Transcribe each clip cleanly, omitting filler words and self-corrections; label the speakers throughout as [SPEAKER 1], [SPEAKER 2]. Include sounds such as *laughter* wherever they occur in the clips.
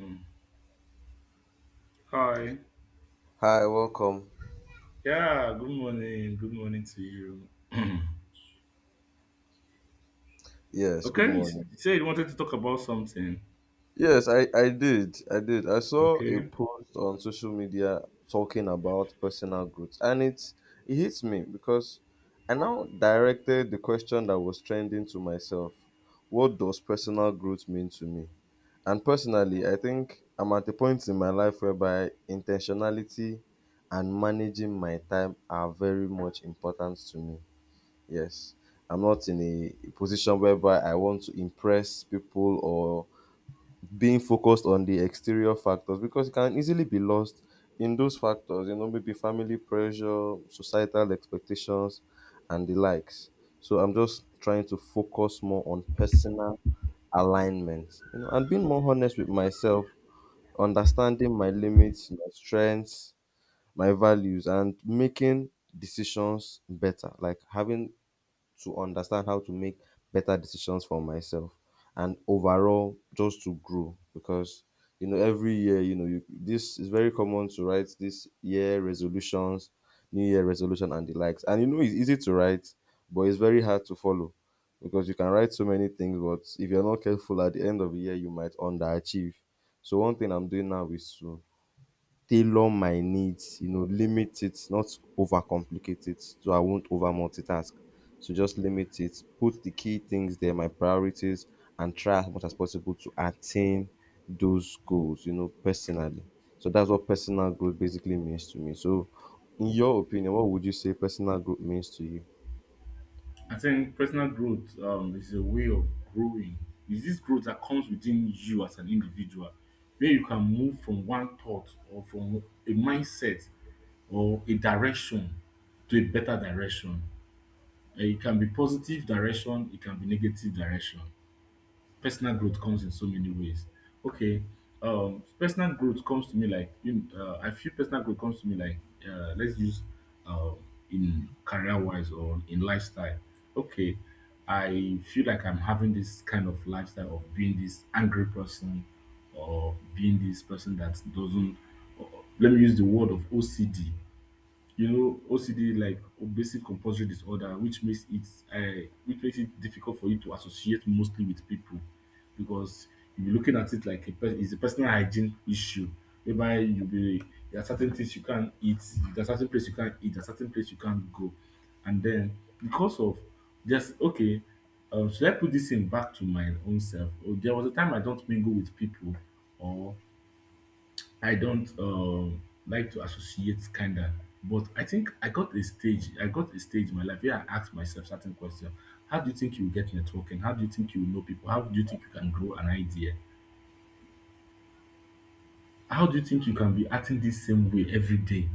[SPEAKER 1] Hmm. Hi.
[SPEAKER 2] Hi, welcome.
[SPEAKER 1] Yeah, good morning. Good morning to you. *clears throat*
[SPEAKER 2] Yes, good
[SPEAKER 1] Okay,
[SPEAKER 2] morning.
[SPEAKER 1] you said you wanted to talk about something.
[SPEAKER 2] Yes, I did. I did. I saw a
[SPEAKER 1] Okay.
[SPEAKER 2] post on social media talking about personal growth, and it hits me because I now directed the question that was trending to myself. What does personal growth mean to me? And personally, I think I'm at a point in my life whereby intentionality and managing my time are very much important to me. Yes. I'm not in a position whereby I want to impress people or being focused on the exterior factors because it can easily be lost in those factors, you know, maybe family pressure, societal expectations, and the likes. So I'm just trying to focus more on personal alignment, you know, and being more honest with myself, understanding my limits, my strengths, my values, and making decisions better, like having to understand how to make better decisions for myself and overall just to grow because you know every year you know you, this is very common to write this year resolutions, new year resolution and the likes, and you know it's easy to write but it's very hard to follow, because you can write so many things but if you're not careful at the end of the year you might underachieve. So one thing I'm doing now is to tailor my needs, you know, limit it, not overcomplicate it. So I won't over multitask. So just limit it, put the key things there, my priorities, and try as much as possible to attain those goals, you know, personally. So that's what personal growth basically means to me. So, in your opinion, what would you say personal growth means to you?
[SPEAKER 1] I think personal growth is a way of growing. Is this growth that comes within you as an individual, where you can move from one thought or from a mindset or a direction to a better direction. And it can be positive direction, it can be negative direction. Personal growth comes in so many ways. Okay. Personal growth comes to me like you. I feel personal growth comes to me like let's use um in career wise or in lifestyle. Okay, I feel like I'm having this kind of lifestyle of being this angry person or being this person that doesn't. Or, let me use the word of OCD, you know, OCD like obsessive compulsive disorder which makes it difficult for you to associate mostly with people because you'll be looking at it like a it's a personal hygiene issue whereby you'll be there are certain things you can't eat, there are certain place you can't eat, there are certain place you can't go. And then because of, just okay, should I put this thing back to my own self? Or there was a time I don't mingle with people, or I don't like to associate kinda. But I think I got a stage, I got a stage in my life where I asked myself certain questions: How do you think you will get networking? How do you think you will know people? How do you think you can grow an idea? How do you think you can be acting this same way every day?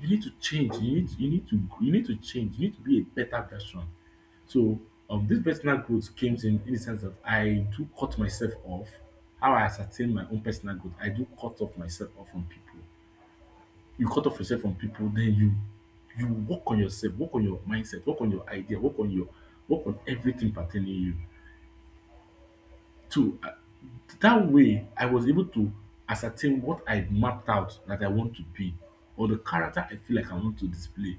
[SPEAKER 1] You need to change. You need to change. You need to be a better version. So this personal growth came in the sense that I do cut myself off. How I ascertain my own personal growth, I do cut off myself off from people. You cut off yourself from people, then you work on yourself, work on your mindset, work on your idea, work on your, work on everything pertaining you. So that way I was able to ascertain what I mapped out that I want to be, or the character I feel like I want to display,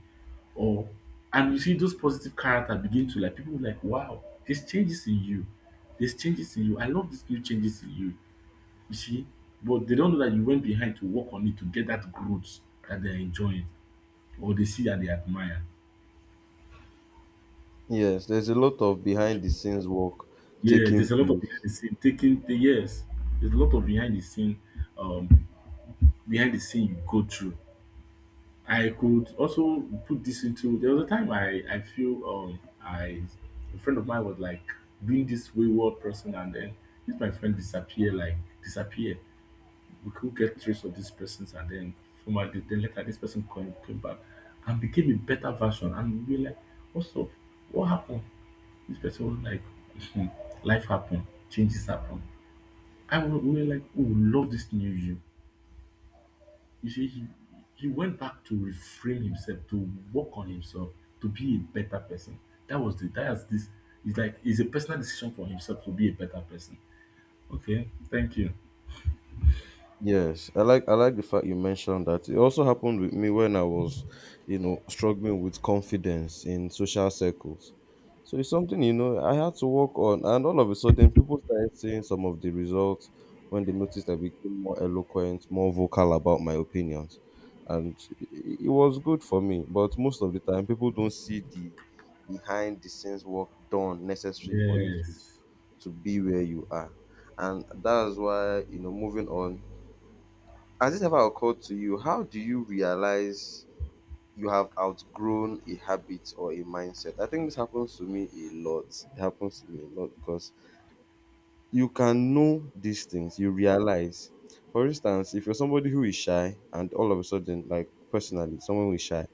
[SPEAKER 1] or, and you see those positive character begin to like, people will like, wow, there's changes in you, there's changes in you, I love these new changes in you. You see, but they don't know that you went behind to work on it to get that growth that they're enjoying, or they see and they admire.
[SPEAKER 2] Yes, there's a lot of behind the scenes work
[SPEAKER 1] Yeah,
[SPEAKER 2] taking
[SPEAKER 1] there's a lot of behind
[SPEAKER 2] place.
[SPEAKER 1] the scene taking the, yes, there's a lot of um, behind the scene you go through. I could also put this into, there was a time I feel I, a friend of mine was like being this wayward person, and then this my friend disappear, like disappear. We could get trace of these persons, and then from my, then later this person came, came back and became a better version, and we were like, what's up, what happened? This person was like, *laughs* life happened, changes happen. I was, we were like, oh, love this new you. You see, he went back to reframe himself, to work on himself, to be a better person. That was the, that's this, it's like, it's a personal decision for himself to be a better person. Okay, thank you.
[SPEAKER 2] Yes, I like the fact you mentioned that. It also happened with me when I was, you know, struggling with confidence in social circles. So it's something, you know, I had to work on and all of a sudden people started seeing some of the results when they noticed I became more eloquent, more vocal about my opinions. And i- it was good for me, but most of the time people don't see the behind the scenes work done necessary for you
[SPEAKER 1] Yes.
[SPEAKER 2] to be where you are. And that's why, you know, moving on, has it ever occurred to you, how do you realize you have outgrown a habit or a mindset? I think this happens to me a lot. It happens to me a lot because you can know these things, you realize. For instance, if you're somebody who is shy and all of a sudden, like personally, someone who is shy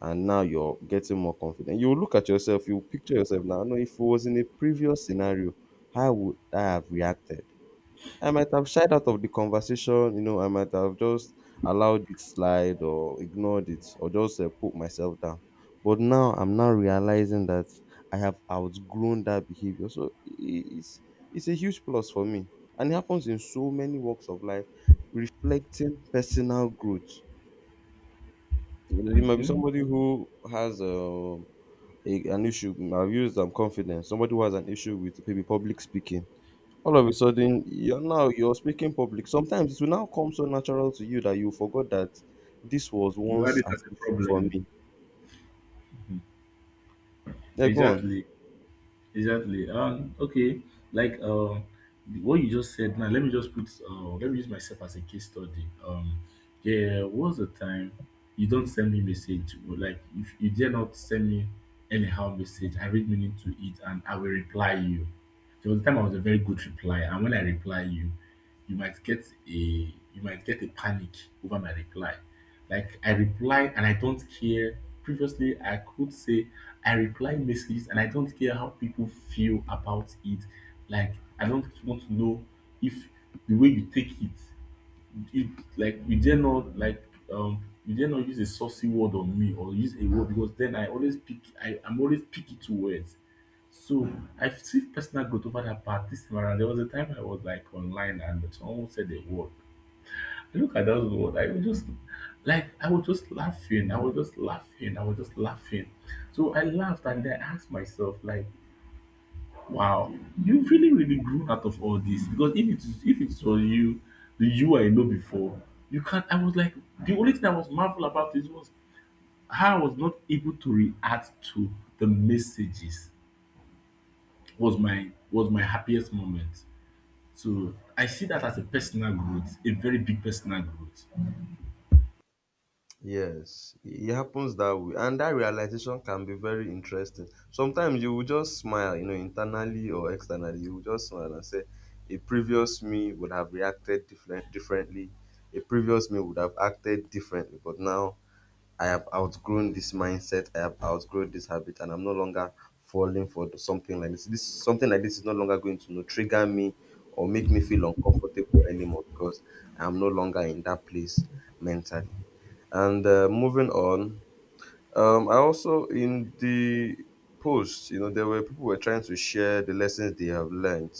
[SPEAKER 2] and now you're getting more confident, you'll look at yourself, you'll picture yourself now. No, if it was in a previous scenario, how would I have reacted? I might have shied out of the conversation, you know, I might have just allowed it slide or ignored it or just put myself down. But now I'm now realizing that I have outgrown that behavior. So it's a huge plus for me. And it happens in so many walks of life, reflecting personal growth. You know, you might be
[SPEAKER 1] Mhm.
[SPEAKER 2] somebody who has a, an issue. I've used confidence. Somebody who has an issue with maybe public speaking. All of a sudden you're now you're speaking public, sometimes it will now come so natural to you that you forgot that this was
[SPEAKER 1] You had
[SPEAKER 2] once
[SPEAKER 1] it
[SPEAKER 2] an
[SPEAKER 1] as a
[SPEAKER 2] issue for
[SPEAKER 1] problem.
[SPEAKER 2] me.
[SPEAKER 1] Mhm.
[SPEAKER 2] Yeah, go on.
[SPEAKER 1] Exactly. Exactly. Okay. Like, the- what you just said now, let me just put let me use myself as a case study. There was a time you don't send me message. Or like if you dare not send me anyhow message, I read meaning to it and I will reply you. There was a time I was a very good reply, and when I reply you, you might get a, you might get a panic over my reply. Like I reply and I don't care. Previously, I could say I reply messages and I don't care how people feel about it. Like I don't want to know if, the way you take it, if, like you dare not, like you dare not use a saucy word on me or use a word, because then I always pick, I'm always picky to words. So I see personal growth over that part. This time around, there was a time I was like online and someone said a word. Look at that word. I was just like, I was just laughing. I was just laughing. I was just laughing. So I laughed and then I asked myself, like, wow, you really, really grew out of all this. Because if it is, if it was you, the you I know before, you can't, I was like, the only thing I was marvel about is was how I was not able to react to the messages was my, was my happiest moment. So I see that as a personal growth, a very big personal growth.
[SPEAKER 2] Yes, it happens that way, and that realization can be very interesting. Sometimes you will just smile, you know, internally or externally, you will just smile and say, "A previous me would have reacted differently. A previous me would have acted differently, but now I have outgrown this mindset. I have outgrown this habit, and I'm no longer falling for something like this. This something like this is no longer going to, you know, trigger me or make me feel uncomfortable anymore because I'm no longer in that place mentally." And moving on, I also in the post, you know, there were people were trying to share the lessons they have learned,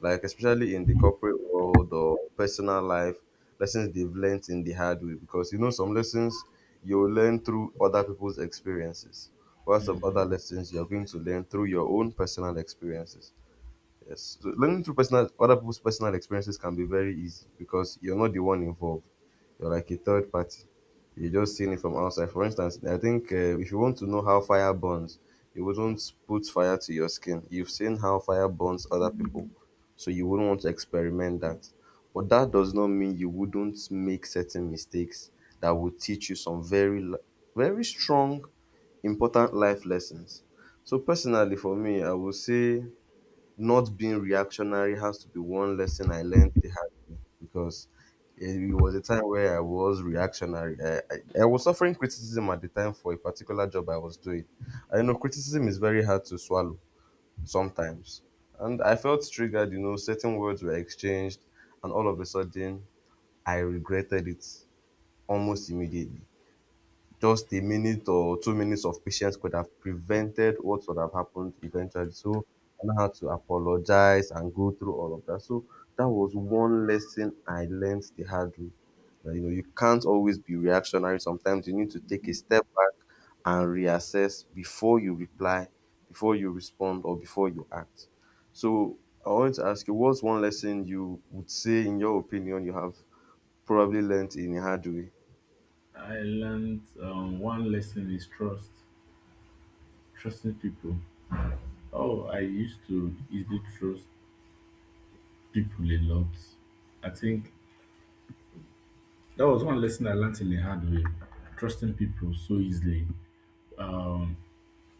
[SPEAKER 2] like especially in the corporate world or personal life, lessons they've learned in the hard way. Because you know, some lessons you'll learn through other people's experiences, while some other lessons you're going to learn through your own personal experiences. Yes. So learning through personal other people's personal experiences can be very easy because you're not the one involved. You're like a third party. You're just seeing it from outside. For instance, I think if you want to know how fire burns, you wouldn't put fire to your skin. You've seen how fire burns other people, so you wouldn't want to experiment that. But that does not mean you wouldn't make certain mistakes that would teach you some very strong, important life lessons. So personally, for me, I would say not being reactionary has to be one lesson I learned the hard way because it was a time where I was reactionary. I was suffering criticism at the time for a particular job I was doing. I know criticism is very hard to swallow sometimes. And I felt triggered, you know, certain words were exchanged, and all of a sudden, I regretted it almost immediately. Just a minute or 2 minutes of patience could have prevented what would have happened eventually. So I now had to apologize and go through all of that. So that was one lesson I learned the hard way. That, you know, you can't always be reactionary. Sometimes you need to take a step back and reassess before you reply, before you respond, or before you act. So I wanted to ask you, what's one lesson you would say, in your opinion, you have probably learned in a hard way?
[SPEAKER 1] I learned one lesson is trust, trusting people. Oh, I used to easily trust people a lot. I think that was one lesson I learned in a hard way, trusting people so easily. Um,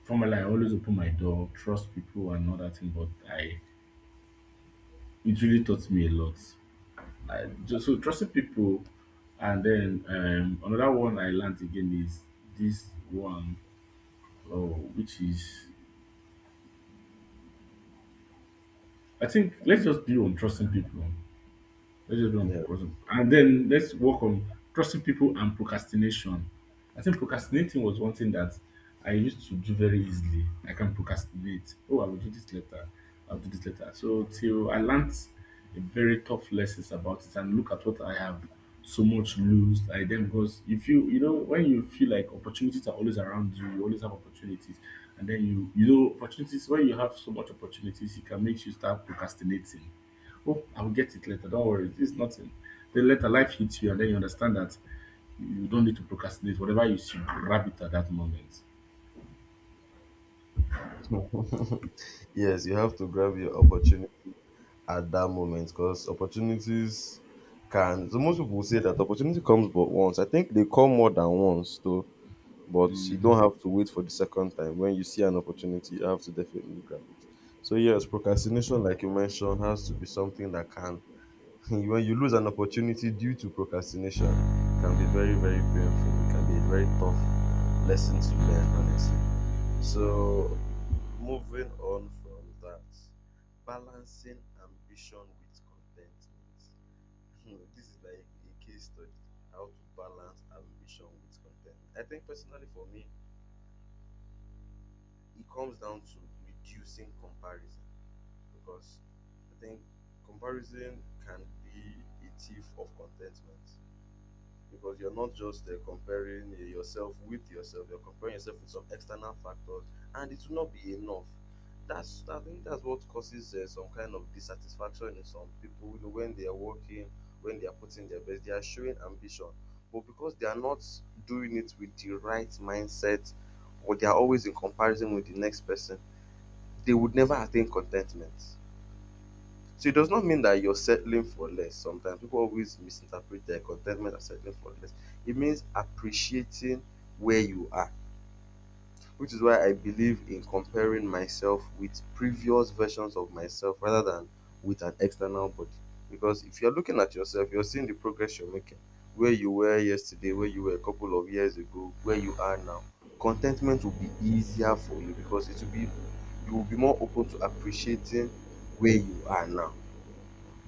[SPEAKER 1] formerly, I always open my door, trust people and all that thing, but I, it really taught me a lot. I just so trusting people, and then another one I learned again is this one, oh, which is, I think let's just be on trusting people. Let's just be on
[SPEAKER 2] Yeah.
[SPEAKER 1] person. And then let's work on trusting people and procrastination. I think procrastinating was one thing that I used to do very easily. I can procrastinate. Oh, I will do this later. I'll do this later. So till I learned a very tough lessons about it and look at what I have, so much lose I then, because you feel, you know, when you feel like opportunities are always around you, you always have opportunities. And then you know opportunities, when you have so much opportunities, it can make you start procrastinating. Oh, I'll get it later. Don't worry. It's nothing. Then later life hits you and then you understand that you don't need to procrastinate. Whatever you see, grab it at that moment.
[SPEAKER 2] *laughs* Yes, you have to grab your opportunity at that moment because opportunities can. So most people will say that opportunity comes but once. I think they come more than once though, but you don't
[SPEAKER 1] Mhm.
[SPEAKER 2] have to wait for the second time. When you see an opportunity, you have to definitely grab it. So yes, procrastination, like you mentioned, has to be something that can. *laughs* When you lose an opportunity due to procrastination, it can be very very painful. It can be a very tough lesson to learn, honestly. So moving on from that, balancing ambition with contentment. *laughs* This is like a case study, how to balance ambition with contentment. I think personally for me, it comes down to reducing comparison, because I think comparison can be a thief of contentment. Because you're not just comparing yourself with yourself, you're comparing yourself with some external factors and it will not be enough. That's, I think, that's what causes some kind of dissatisfaction in some people, you know, when they are working, when they are putting their best, they are showing ambition, but because they are not doing it with the right mindset, or they are always in comparison with the next person, they would never attain contentment. So it does not mean that you're settling for less. Sometimes people always misinterpret their contentment as settling for less. It means appreciating where you are, which is why I believe in comparing myself with previous versions of myself rather than with an external body. Because if you're looking at yourself, you're seeing the progress you're making, where you were yesterday, where you were a couple of years ago, where you are now. Contentment will be easier for you because it will be you will be more open to appreciating where you are now.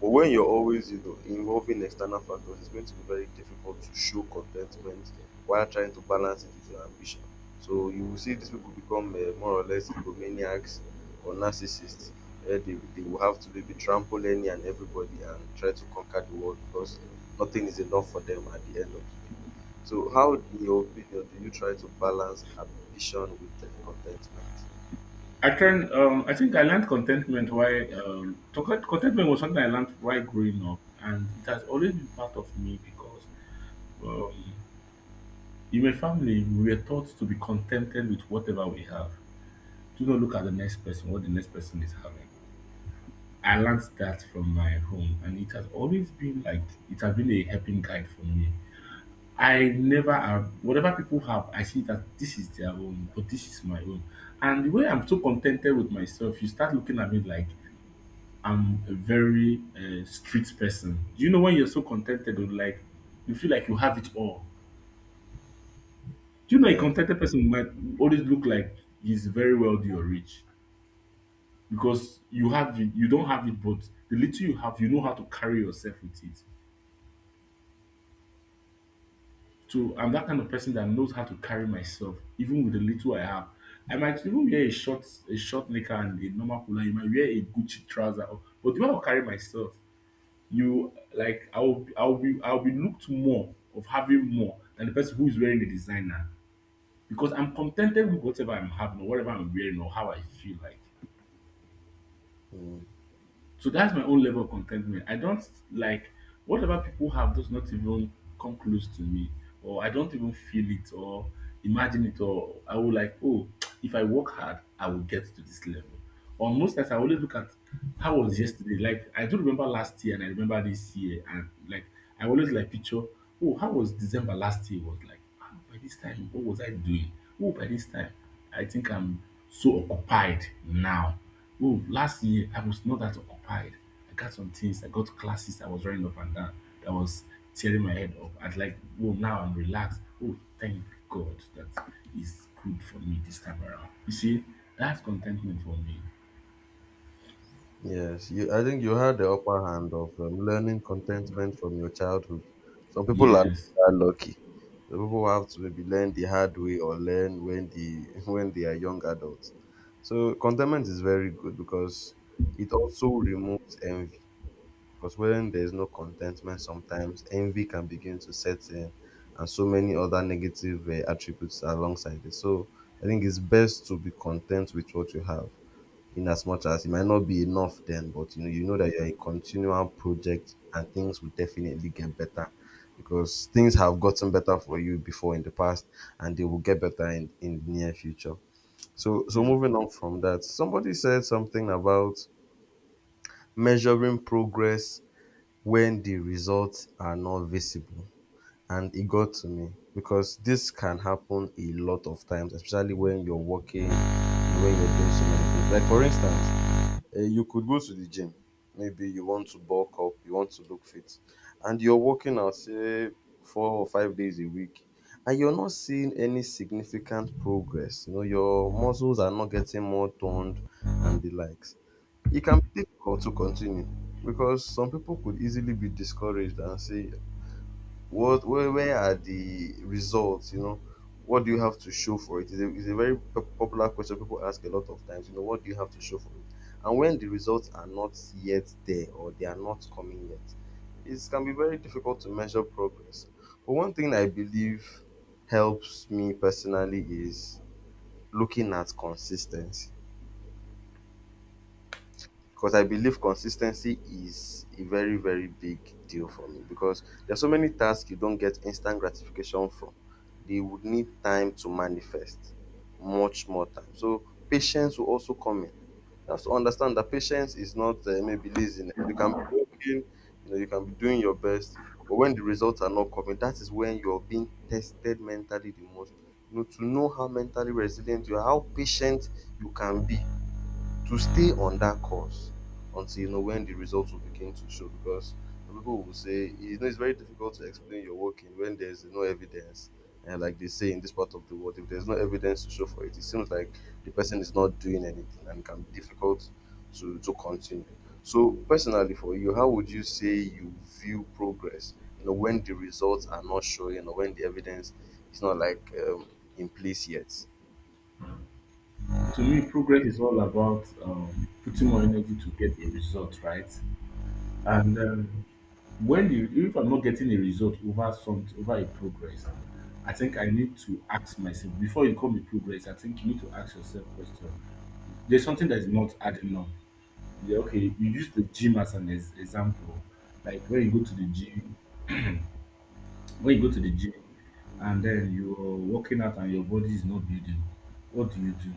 [SPEAKER 2] But when you're always, you know, involving external factors, it's going to be very difficult to show contentment while trying to balance it with your ambition. So you will see these people become more or less egomaniacs or narcissists. They will have to maybe trample any and everybody and try to conquer the world because nothing is enough for them at the end of the day. So, how, in your opinion, do you try to balance ambition with contentment?
[SPEAKER 1] I can. I think I learned contentment. Why? To- contentment was something I learned right growing up, and it has always been part of me because um, in my family we were taught to be contented with whatever we have. Do not look at the next person, what the next person is having. I learned that from my home, and it has always been like, it has been a helping guide for me. I never have whatever people have, I see that this is their own, but this is my own. And the way I'm so contented with myself, you start looking at me like I'm a very street person. Do you know when you're so contented with, like, you feel like you have it all? Do you know a
[SPEAKER 2] Yeah.
[SPEAKER 1] contented person might always look like he's very wealthy or rich, because you have it, you don't have it, but the little you have, you know how to carry yourself with it. To, I'm that kind of person that knows how to carry myself, even with the little I have. I might even wear a short knicker and a normal polo. You might wear a Gucci trouser, or- but the way I will carry myself, you like, I will be I will be looked more of having more than the person who is wearing a designer, because I'm contented with whatever I'm having or whatever I'm wearing or how I feel like. So that's my own level of contentment. I don't, like, whatever people have does not even come close to me, or I don't even feel it or imagine it, or I will like, oh, if I work hard, I will get to this level. Or most times I always look at how was yesterday. Like I do remember last year and I remember this year, and like I always like picture, oh, how was December last year, was like, by this time, what was I doing? Oh, by this time, I think I'm so occupied now. Oh, last year I was not that occupied. I got some things, I got classes, I was running up and down. That was tearing my head up. I'd like, oh, now I'm relaxed. Oh, thank God that is good for me this time around. You see, that's contentment for me.
[SPEAKER 2] Yes, you. I think you had the upper hand of learning contentment from your childhood. Some people are not
[SPEAKER 1] Yes.
[SPEAKER 2] that lucky. Some people have to maybe learn the hard way or learn when the *laughs* when they are young adults. So contentment is very good because it also removes envy. Because when there is no contentment, sometimes envy can begin to set in, and so many other negative attributes alongside it. So I think it's best to be content with what you have in as much as it might not be enough then, but you know that you're a continual project and things will definitely get better because things have gotten better for you before in the past and they will get better in the near future. So
[SPEAKER 1] Mm.
[SPEAKER 2] moving on from that, somebody said something about measuring progress when the results are not visible. And it got to me because this can happen a lot of times, especially when you're working, when you're doing so many things. Like for instance, you could go to the gym. Maybe you want to bulk up, you want to look fit, and you're working out, say, 4 or 5 days a week, and you're not seeing any significant progress. You know, your muscles are not getting more toned and the likes. It can be difficult to continue because some people could easily be discouraged and say, where are the results, what do you have to show for it? It is a very popular question people ask a lot of times. You know, what do you have to show for it? And when the results are not yet there or they are not coming yet, it can be very difficult to measure progress. But one thing I believe helps me personally is looking at consistency, because I believe consistency is a very, very big deal for me, because there are so many tasks you don't get instant gratification from. They would need time to manifest, much more time. So patience will also come in. You have to understand that patience is not maybe laziness. You can be working, you know, you can be doing your best, but when the results are not coming, that is when you're being tested mentally the most. You know, to know how mentally resilient you are, how patient you can be to stay on that course until you know when the results will begin to show. Because people will say, you know, it's very difficult to explain your working when there's no evidence, and like they say in this part of the world, if there's no evidence to show for it, it seems like the person is not doing anything, and it can be difficult to continue. So personally, for you, how would you say you view progress, you know, when the results are not showing, or when the evidence is not like in place yet?
[SPEAKER 1] To me, progress is all about putting more energy to get a result, right? And when you if I'm not getting a result over some over a progress, I think I need to ask myself. Before you call me progress, I think you need to ask yourself question, there's something that is not adding up. Yeah, okay, you use the gym as an example. Like when you go to the gym, when you go to the gym, and then you're working out and your body is not building, what do you do?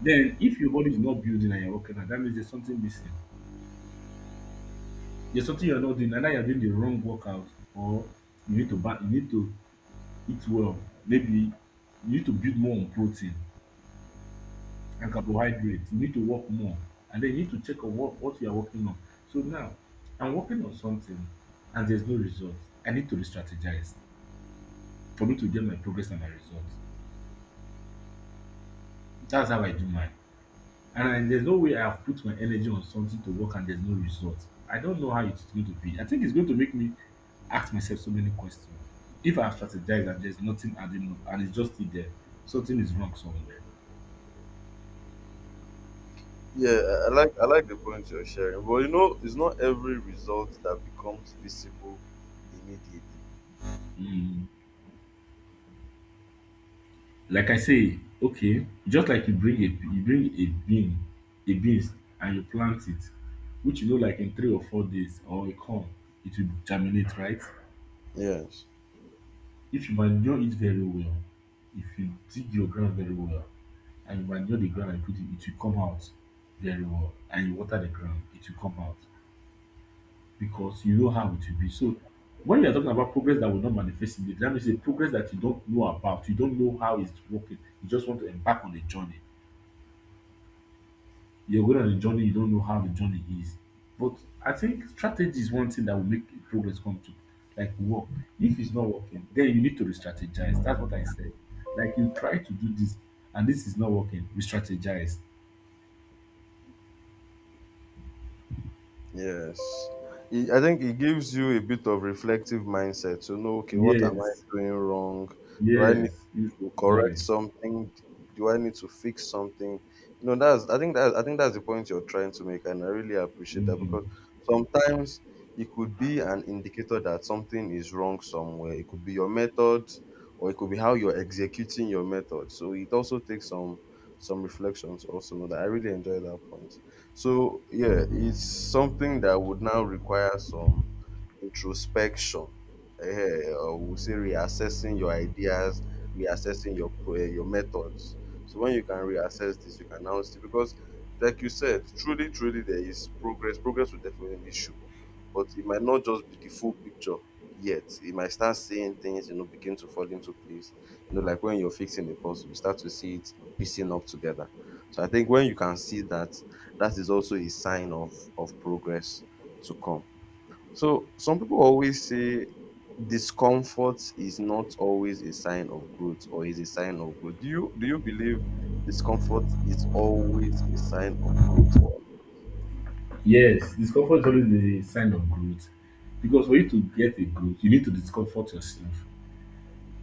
[SPEAKER 1] Then if your body is not building and you're working out, that means there's something missing, there's something you're not doing. Either you're doing the wrong workout, or you need to back, you need to eat well. Maybe you need to build more on protein and carbohydrates. You need to work more. And then you need to check on what you are working on. So now I'm working on something and there's no result. I need to re strategize for me to get my progress and my results. That's how I do mine. And I, there's no way I have put my energy on something to work and there's no result. I don't know how it's going to be. I think it's going to make me ask myself so many questions. If I have strategized and there's nothing adding up and it's just still there, something is wrong somewhere.
[SPEAKER 2] Yeah, I like the point you're sharing, but you know, it's not every result that becomes visible immediately.
[SPEAKER 1] Mm. Like I say, okay, just like you bring a bean, a beans, and you plant it, which you know, like in 3 or 4 days, or a corn, it will germinate, right?
[SPEAKER 2] Yes.
[SPEAKER 1] If you manure it very well, if you dig your ground very well and you manure the ground and put it, it will come out very well. And you water the ground, it will come out, because you know how it will be. So when you are talking about progress that will not manifest in the, that means a progress that you don't know about, you don't know how it's working, you just want to embark on a journey. You're good at the journey, you don't know how the journey is. But I think strategy is one thing that will make progress come to, like, work. If it's not working, then you need to re-strategize. That's what I said. Like you try to do this and this is not working, re-strategize.
[SPEAKER 2] Yes. I think it gives you a bit of reflective mindset to know, okay, what am I
[SPEAKER 1] Yes,
[SPEAKER 2] doing wrong? Do I need
[SPEAKER 1] yes, you
[SPEAKER 2] to correct
[SPEAKER 1] strategize.
[SPEAKER 2] something? Do I need to fix something? You know, that's I think that's the point you're trying to make, and I really appreciate that
[SPEAKER 1] Mm.
[SPEAKER 2] because sometimes it could be an indicator that something is wrong somewhere. It could be your method, or it could be how you're executing your method. So it also takes some reflection to also know that. I really enjoy that point. So yeah, it's something that would now require some introspection. Eh, or we'll say reassessing your ideas, reassessing your your methods. So when you can reassess this, you can now see because, like you said, truly, truly, there is progress. Progress will definitely show, but it might not just be the full picture yet. You might start seeing things, you know, begin to fall into place. You know, like when you're fixing a puzzle, you start to see it piecing up together. So I think when you can see that, that is also a sign of progress to come. So some people always say discomfort is not always a sign of growth, or is a sign of growth. Do you believe discomfort is always a sign of growth? Or?
[SPEAKER 1] Yes, discomfort is always the sign of growth. Because for you to get a growth, you need to discomfort yourself.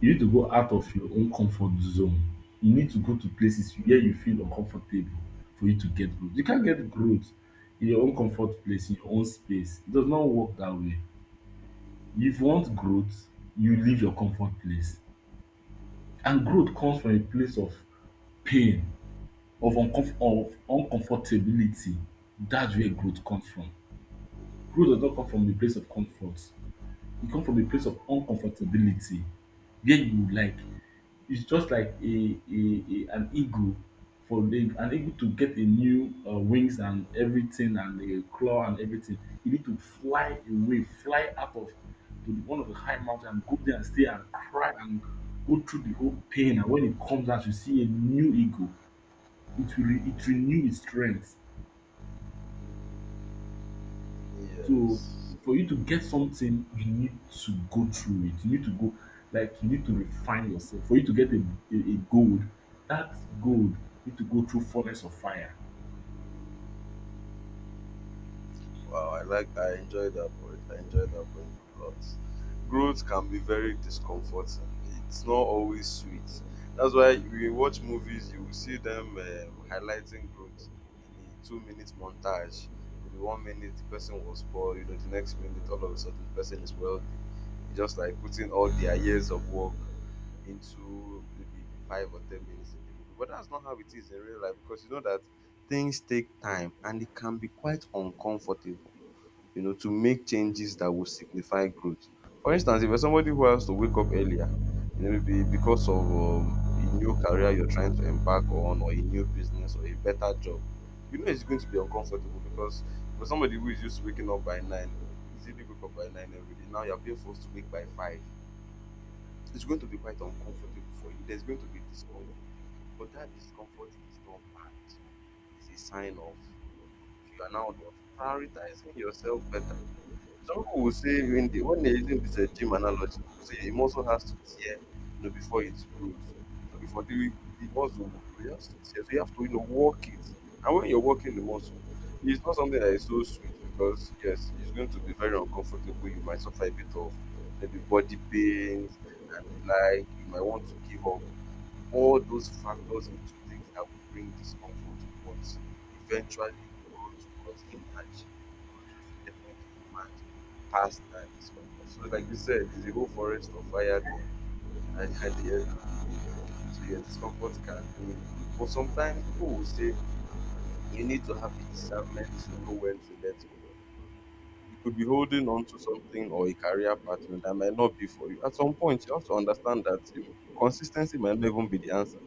[SPEAKER 1] You need to go out of your own comfort zone, you need to go to places where you feel uncomfortable, for you to get growth. You can't get growth in your own comfort place, in your own space. It does not work that way. If you want growth, you leave your comfort place. And growth comes from a place of pain, of uncomf of uncomfortability. That's where growth comes from. Growth does not come from a place of comfort, e come from a place of uncomfortability. Where you, like, it's just like a an eagle. For an eagle to get a new wings and everything and a claw and everything, you need to fly away, fly out of to one of the high mountain and go there and stay and cry and go through the whole pain. And when it comes out, you see a new eagle. It will it renew its strength. So
[SPEAKER 2] Yes.
[SPEAKER 1] for you to get something, you need to go through it. You need to go, like, you need to refine yourself. For you to get a gold, that gold need to go through furnace of fire.
[SPEAKER 2] Wow, I enjoy that point. I enjoy that point a lot. Growth can be very discomforting. It's not always sweet. That's why we watch movies, you will see them highlighting growth in a two-minute montage. Maybe one minute the person was poor, you know, the next minute all of a sudden the person is wealthy. It's just like putting all their years of work into maybe 5 or 10 minutes in the movie. But that's not how it is in real life, because you know that things take time and it can be quite uncomfortable, you know, to make changes that will signify growth. For instance, if you're somebody who has to wake up earlier, you know, maybe because of a new career you're trying to embark on, or a new business, or a better job, you know it's going to be uncomfortable because for somebody who is used to waking up by nine, easily wake up by nine every day, now you're being forced to wake by five. It's going to be quite uncomfortable for you. There's going to be discomfort. But that discomfort is not bad. It's a sign of growth. You are now what? Prioritizing yourself better. Someone will say when they're using this gym analogy, they say a muscle has to tear, you know, before it grows. So before the muscle will grow, it has to tear. So you have to, you know, work it. And when you're working the muscle, it's not something that is so sweet, because yes, it's going to be very uncomfortable. You might suffer a bit of maybe body pains and the like. You might want to give up. All those factors into things that will bring discomfort, but eventually growth, because him and she growth will definitely emerge past that discomfort. So like you said, it's a whole forest of fire thing and at the end of the day. So your discomfort can bring you. But sometimes people will say you need to have the discernment to know when to let go. You could be holding on to something, or a career partner that might not be for you. At some point, you have to understand that consistency might not even be the answer.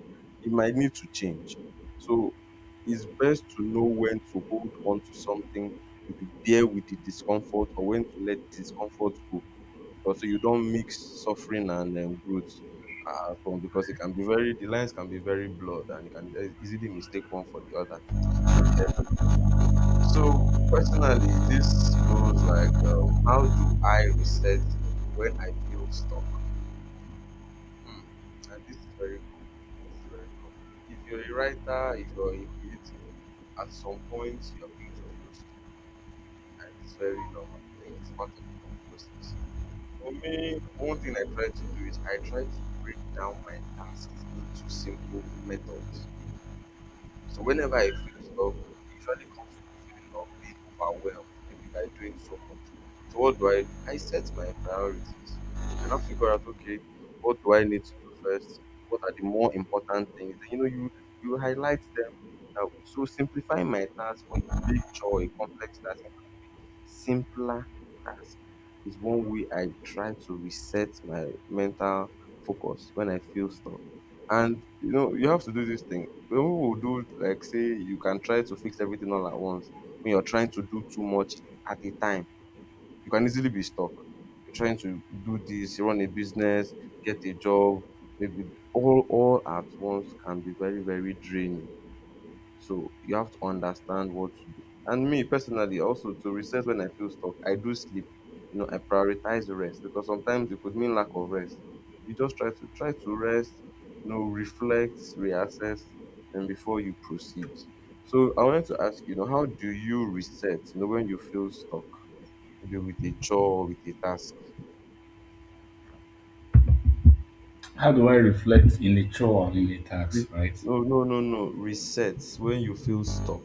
[SPEAKER 2] It might need to change. So it's best to know when to hold on to something, to be there with the discomfort, or when to let discomfort go. Because so you don't mix suffering and growth at home, because it can be very, the lines can be very blurred and you can easily mistake one for the other. So personally, this goes like, how do I reset when I feel stuck? Hmm. And this is very common. This is very common. If you're a writer, if you're a creative, at some point you're going to feel stuck, and it's very normal. I think it's part of the whole process. For me, one thing I try to do is I try to break down my tasks into simple methods. So whenever I feel stuck, it usually comes from a feeling of being overwhelmed, maybe by doing so much. So what do? I set my priorities and I figure out, okay, what do I need to do first? What are the more important things? And you highlight them. Now, so simplifying my task from a big chore, a complex task, into a simpler task is one way I try to reset my mental focus when I feel stuck. And you know, you have to do this thing people will do, like say you can try to fix everything all at once. When you're trying to do too much at a time, you can easily be stuck. You're trying to do this, run a business, get a job, maybe all at once, can be very, very draining. So you have to understand what to do. And me personally, also to reset when I feel stuck, I do sleep. You know, I prioritize rest because sometimes it could mean lack of rest. You just try to rest, you know, reflect, reassess, and before you proceed. So I wanted to ask, you know, how do you reset, you know, when you feel stuck, maybe with a chore or with a task?
[SPEAKER 1] How do I reflect in a chore and in a tax,
[SPEAKER 2] Re-
[SPEAKER 1] right?
[SPEAKER 2] No, no, no, no. Reset when you feel stuck.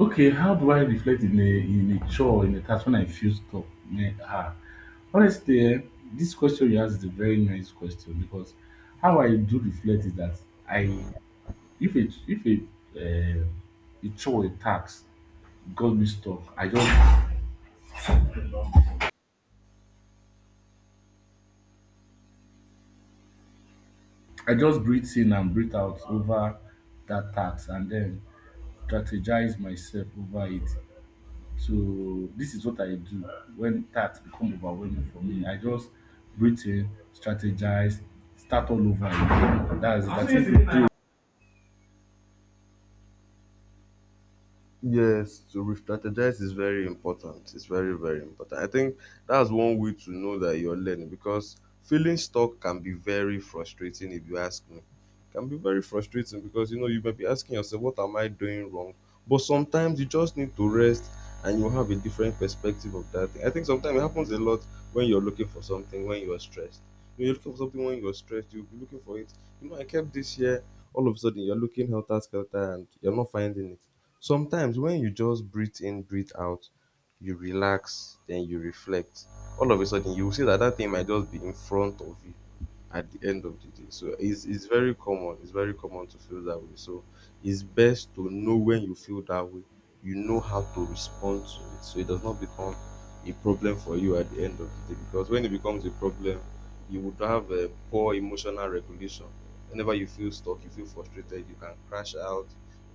[SPEAKER 1] Okay, how do I reflect in a chore in a task when I feel stuck? Me, ah, honestly, eh, this question you ask is a very nice question, because how I do reflect is that I, if it uh, a chore a task God me stop. I just breathe in and breathe out over that task and then strategize myself over it. So this is what I do when task become overwhelming for me. I just breathe in, strategize, start all over again. That's it.
[SPEAKER 2] Yes, to re-strategize is very important. It's very, very important. I think that's one way to know that you're learning, because feeling stuck can be very frustrating if you ask me. It can be very frustrating because you know you may be asking yourself, what am I doing wrong? But sometimes you just need to rest and you have a different perspective of that thing. I think sometimes it happens a lot when you're looking for something when you're stressed. When you're looking for something when you're stressed, you'll be looking for it. You know, I kept this here, all of a sudden you're looking helter skelter and you're not finding it. Sometimes when you just breathe in, breathe out, you relax, then you reflect, all of a sudden you will see that that thing might just be in front of you at the end of the day. So it's very common. It's very common to feel that way. So it's best to know when you feel that way. You know how to respond to it, so it does not become a problem for you at the end of the day. Because when it becomes a problem, you would have a poor emotional regulation. Whenever you feel stuck, you feel frustrated, you can crash out.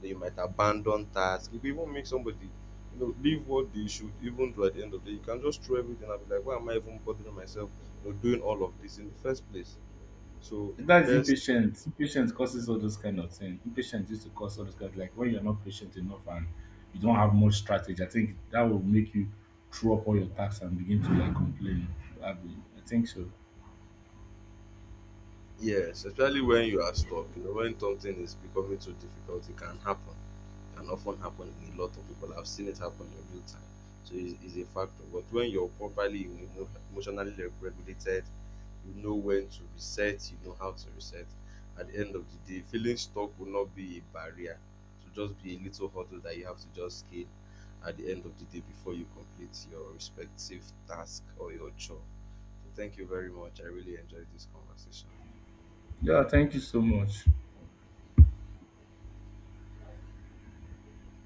[SPEAKER 2] Then you might abandon tasks. It could even make somebody, you know, leave what they should even do at the end of the day. You can just throw everything and be like, why am I even bothering myself, you know, doing all of this in the first place? So
[SPEAKER 1] That is
[SPEAKER 2] best,
[SPEAKER 1] impatient. Impatience causes all those kind of things. Impatience used to cause all those kind of, like, when you're not patient enough and you don't have much strategy. I think that will make you throw up all your tasks and begin to, like, complain. Abi, I think so.
[SPEAKER 2] yes, especially when you are stuck, you know, when something is becoming too difficult, it can happen. Can often happen in a lot of people. I've seen it happen in real time. So it's a factor. But when you're properly emotionally regulated, you know when to reset, you know how to reset. At the end of the day, feeling stuck will not be a barrier. It will just be a little hurdle that you have to just scale at the end of the day before you complete your respective task or your job. So thank you very much. I really enjoyed this conversation.
[SPEAKER 1] Yeah, thank you so much.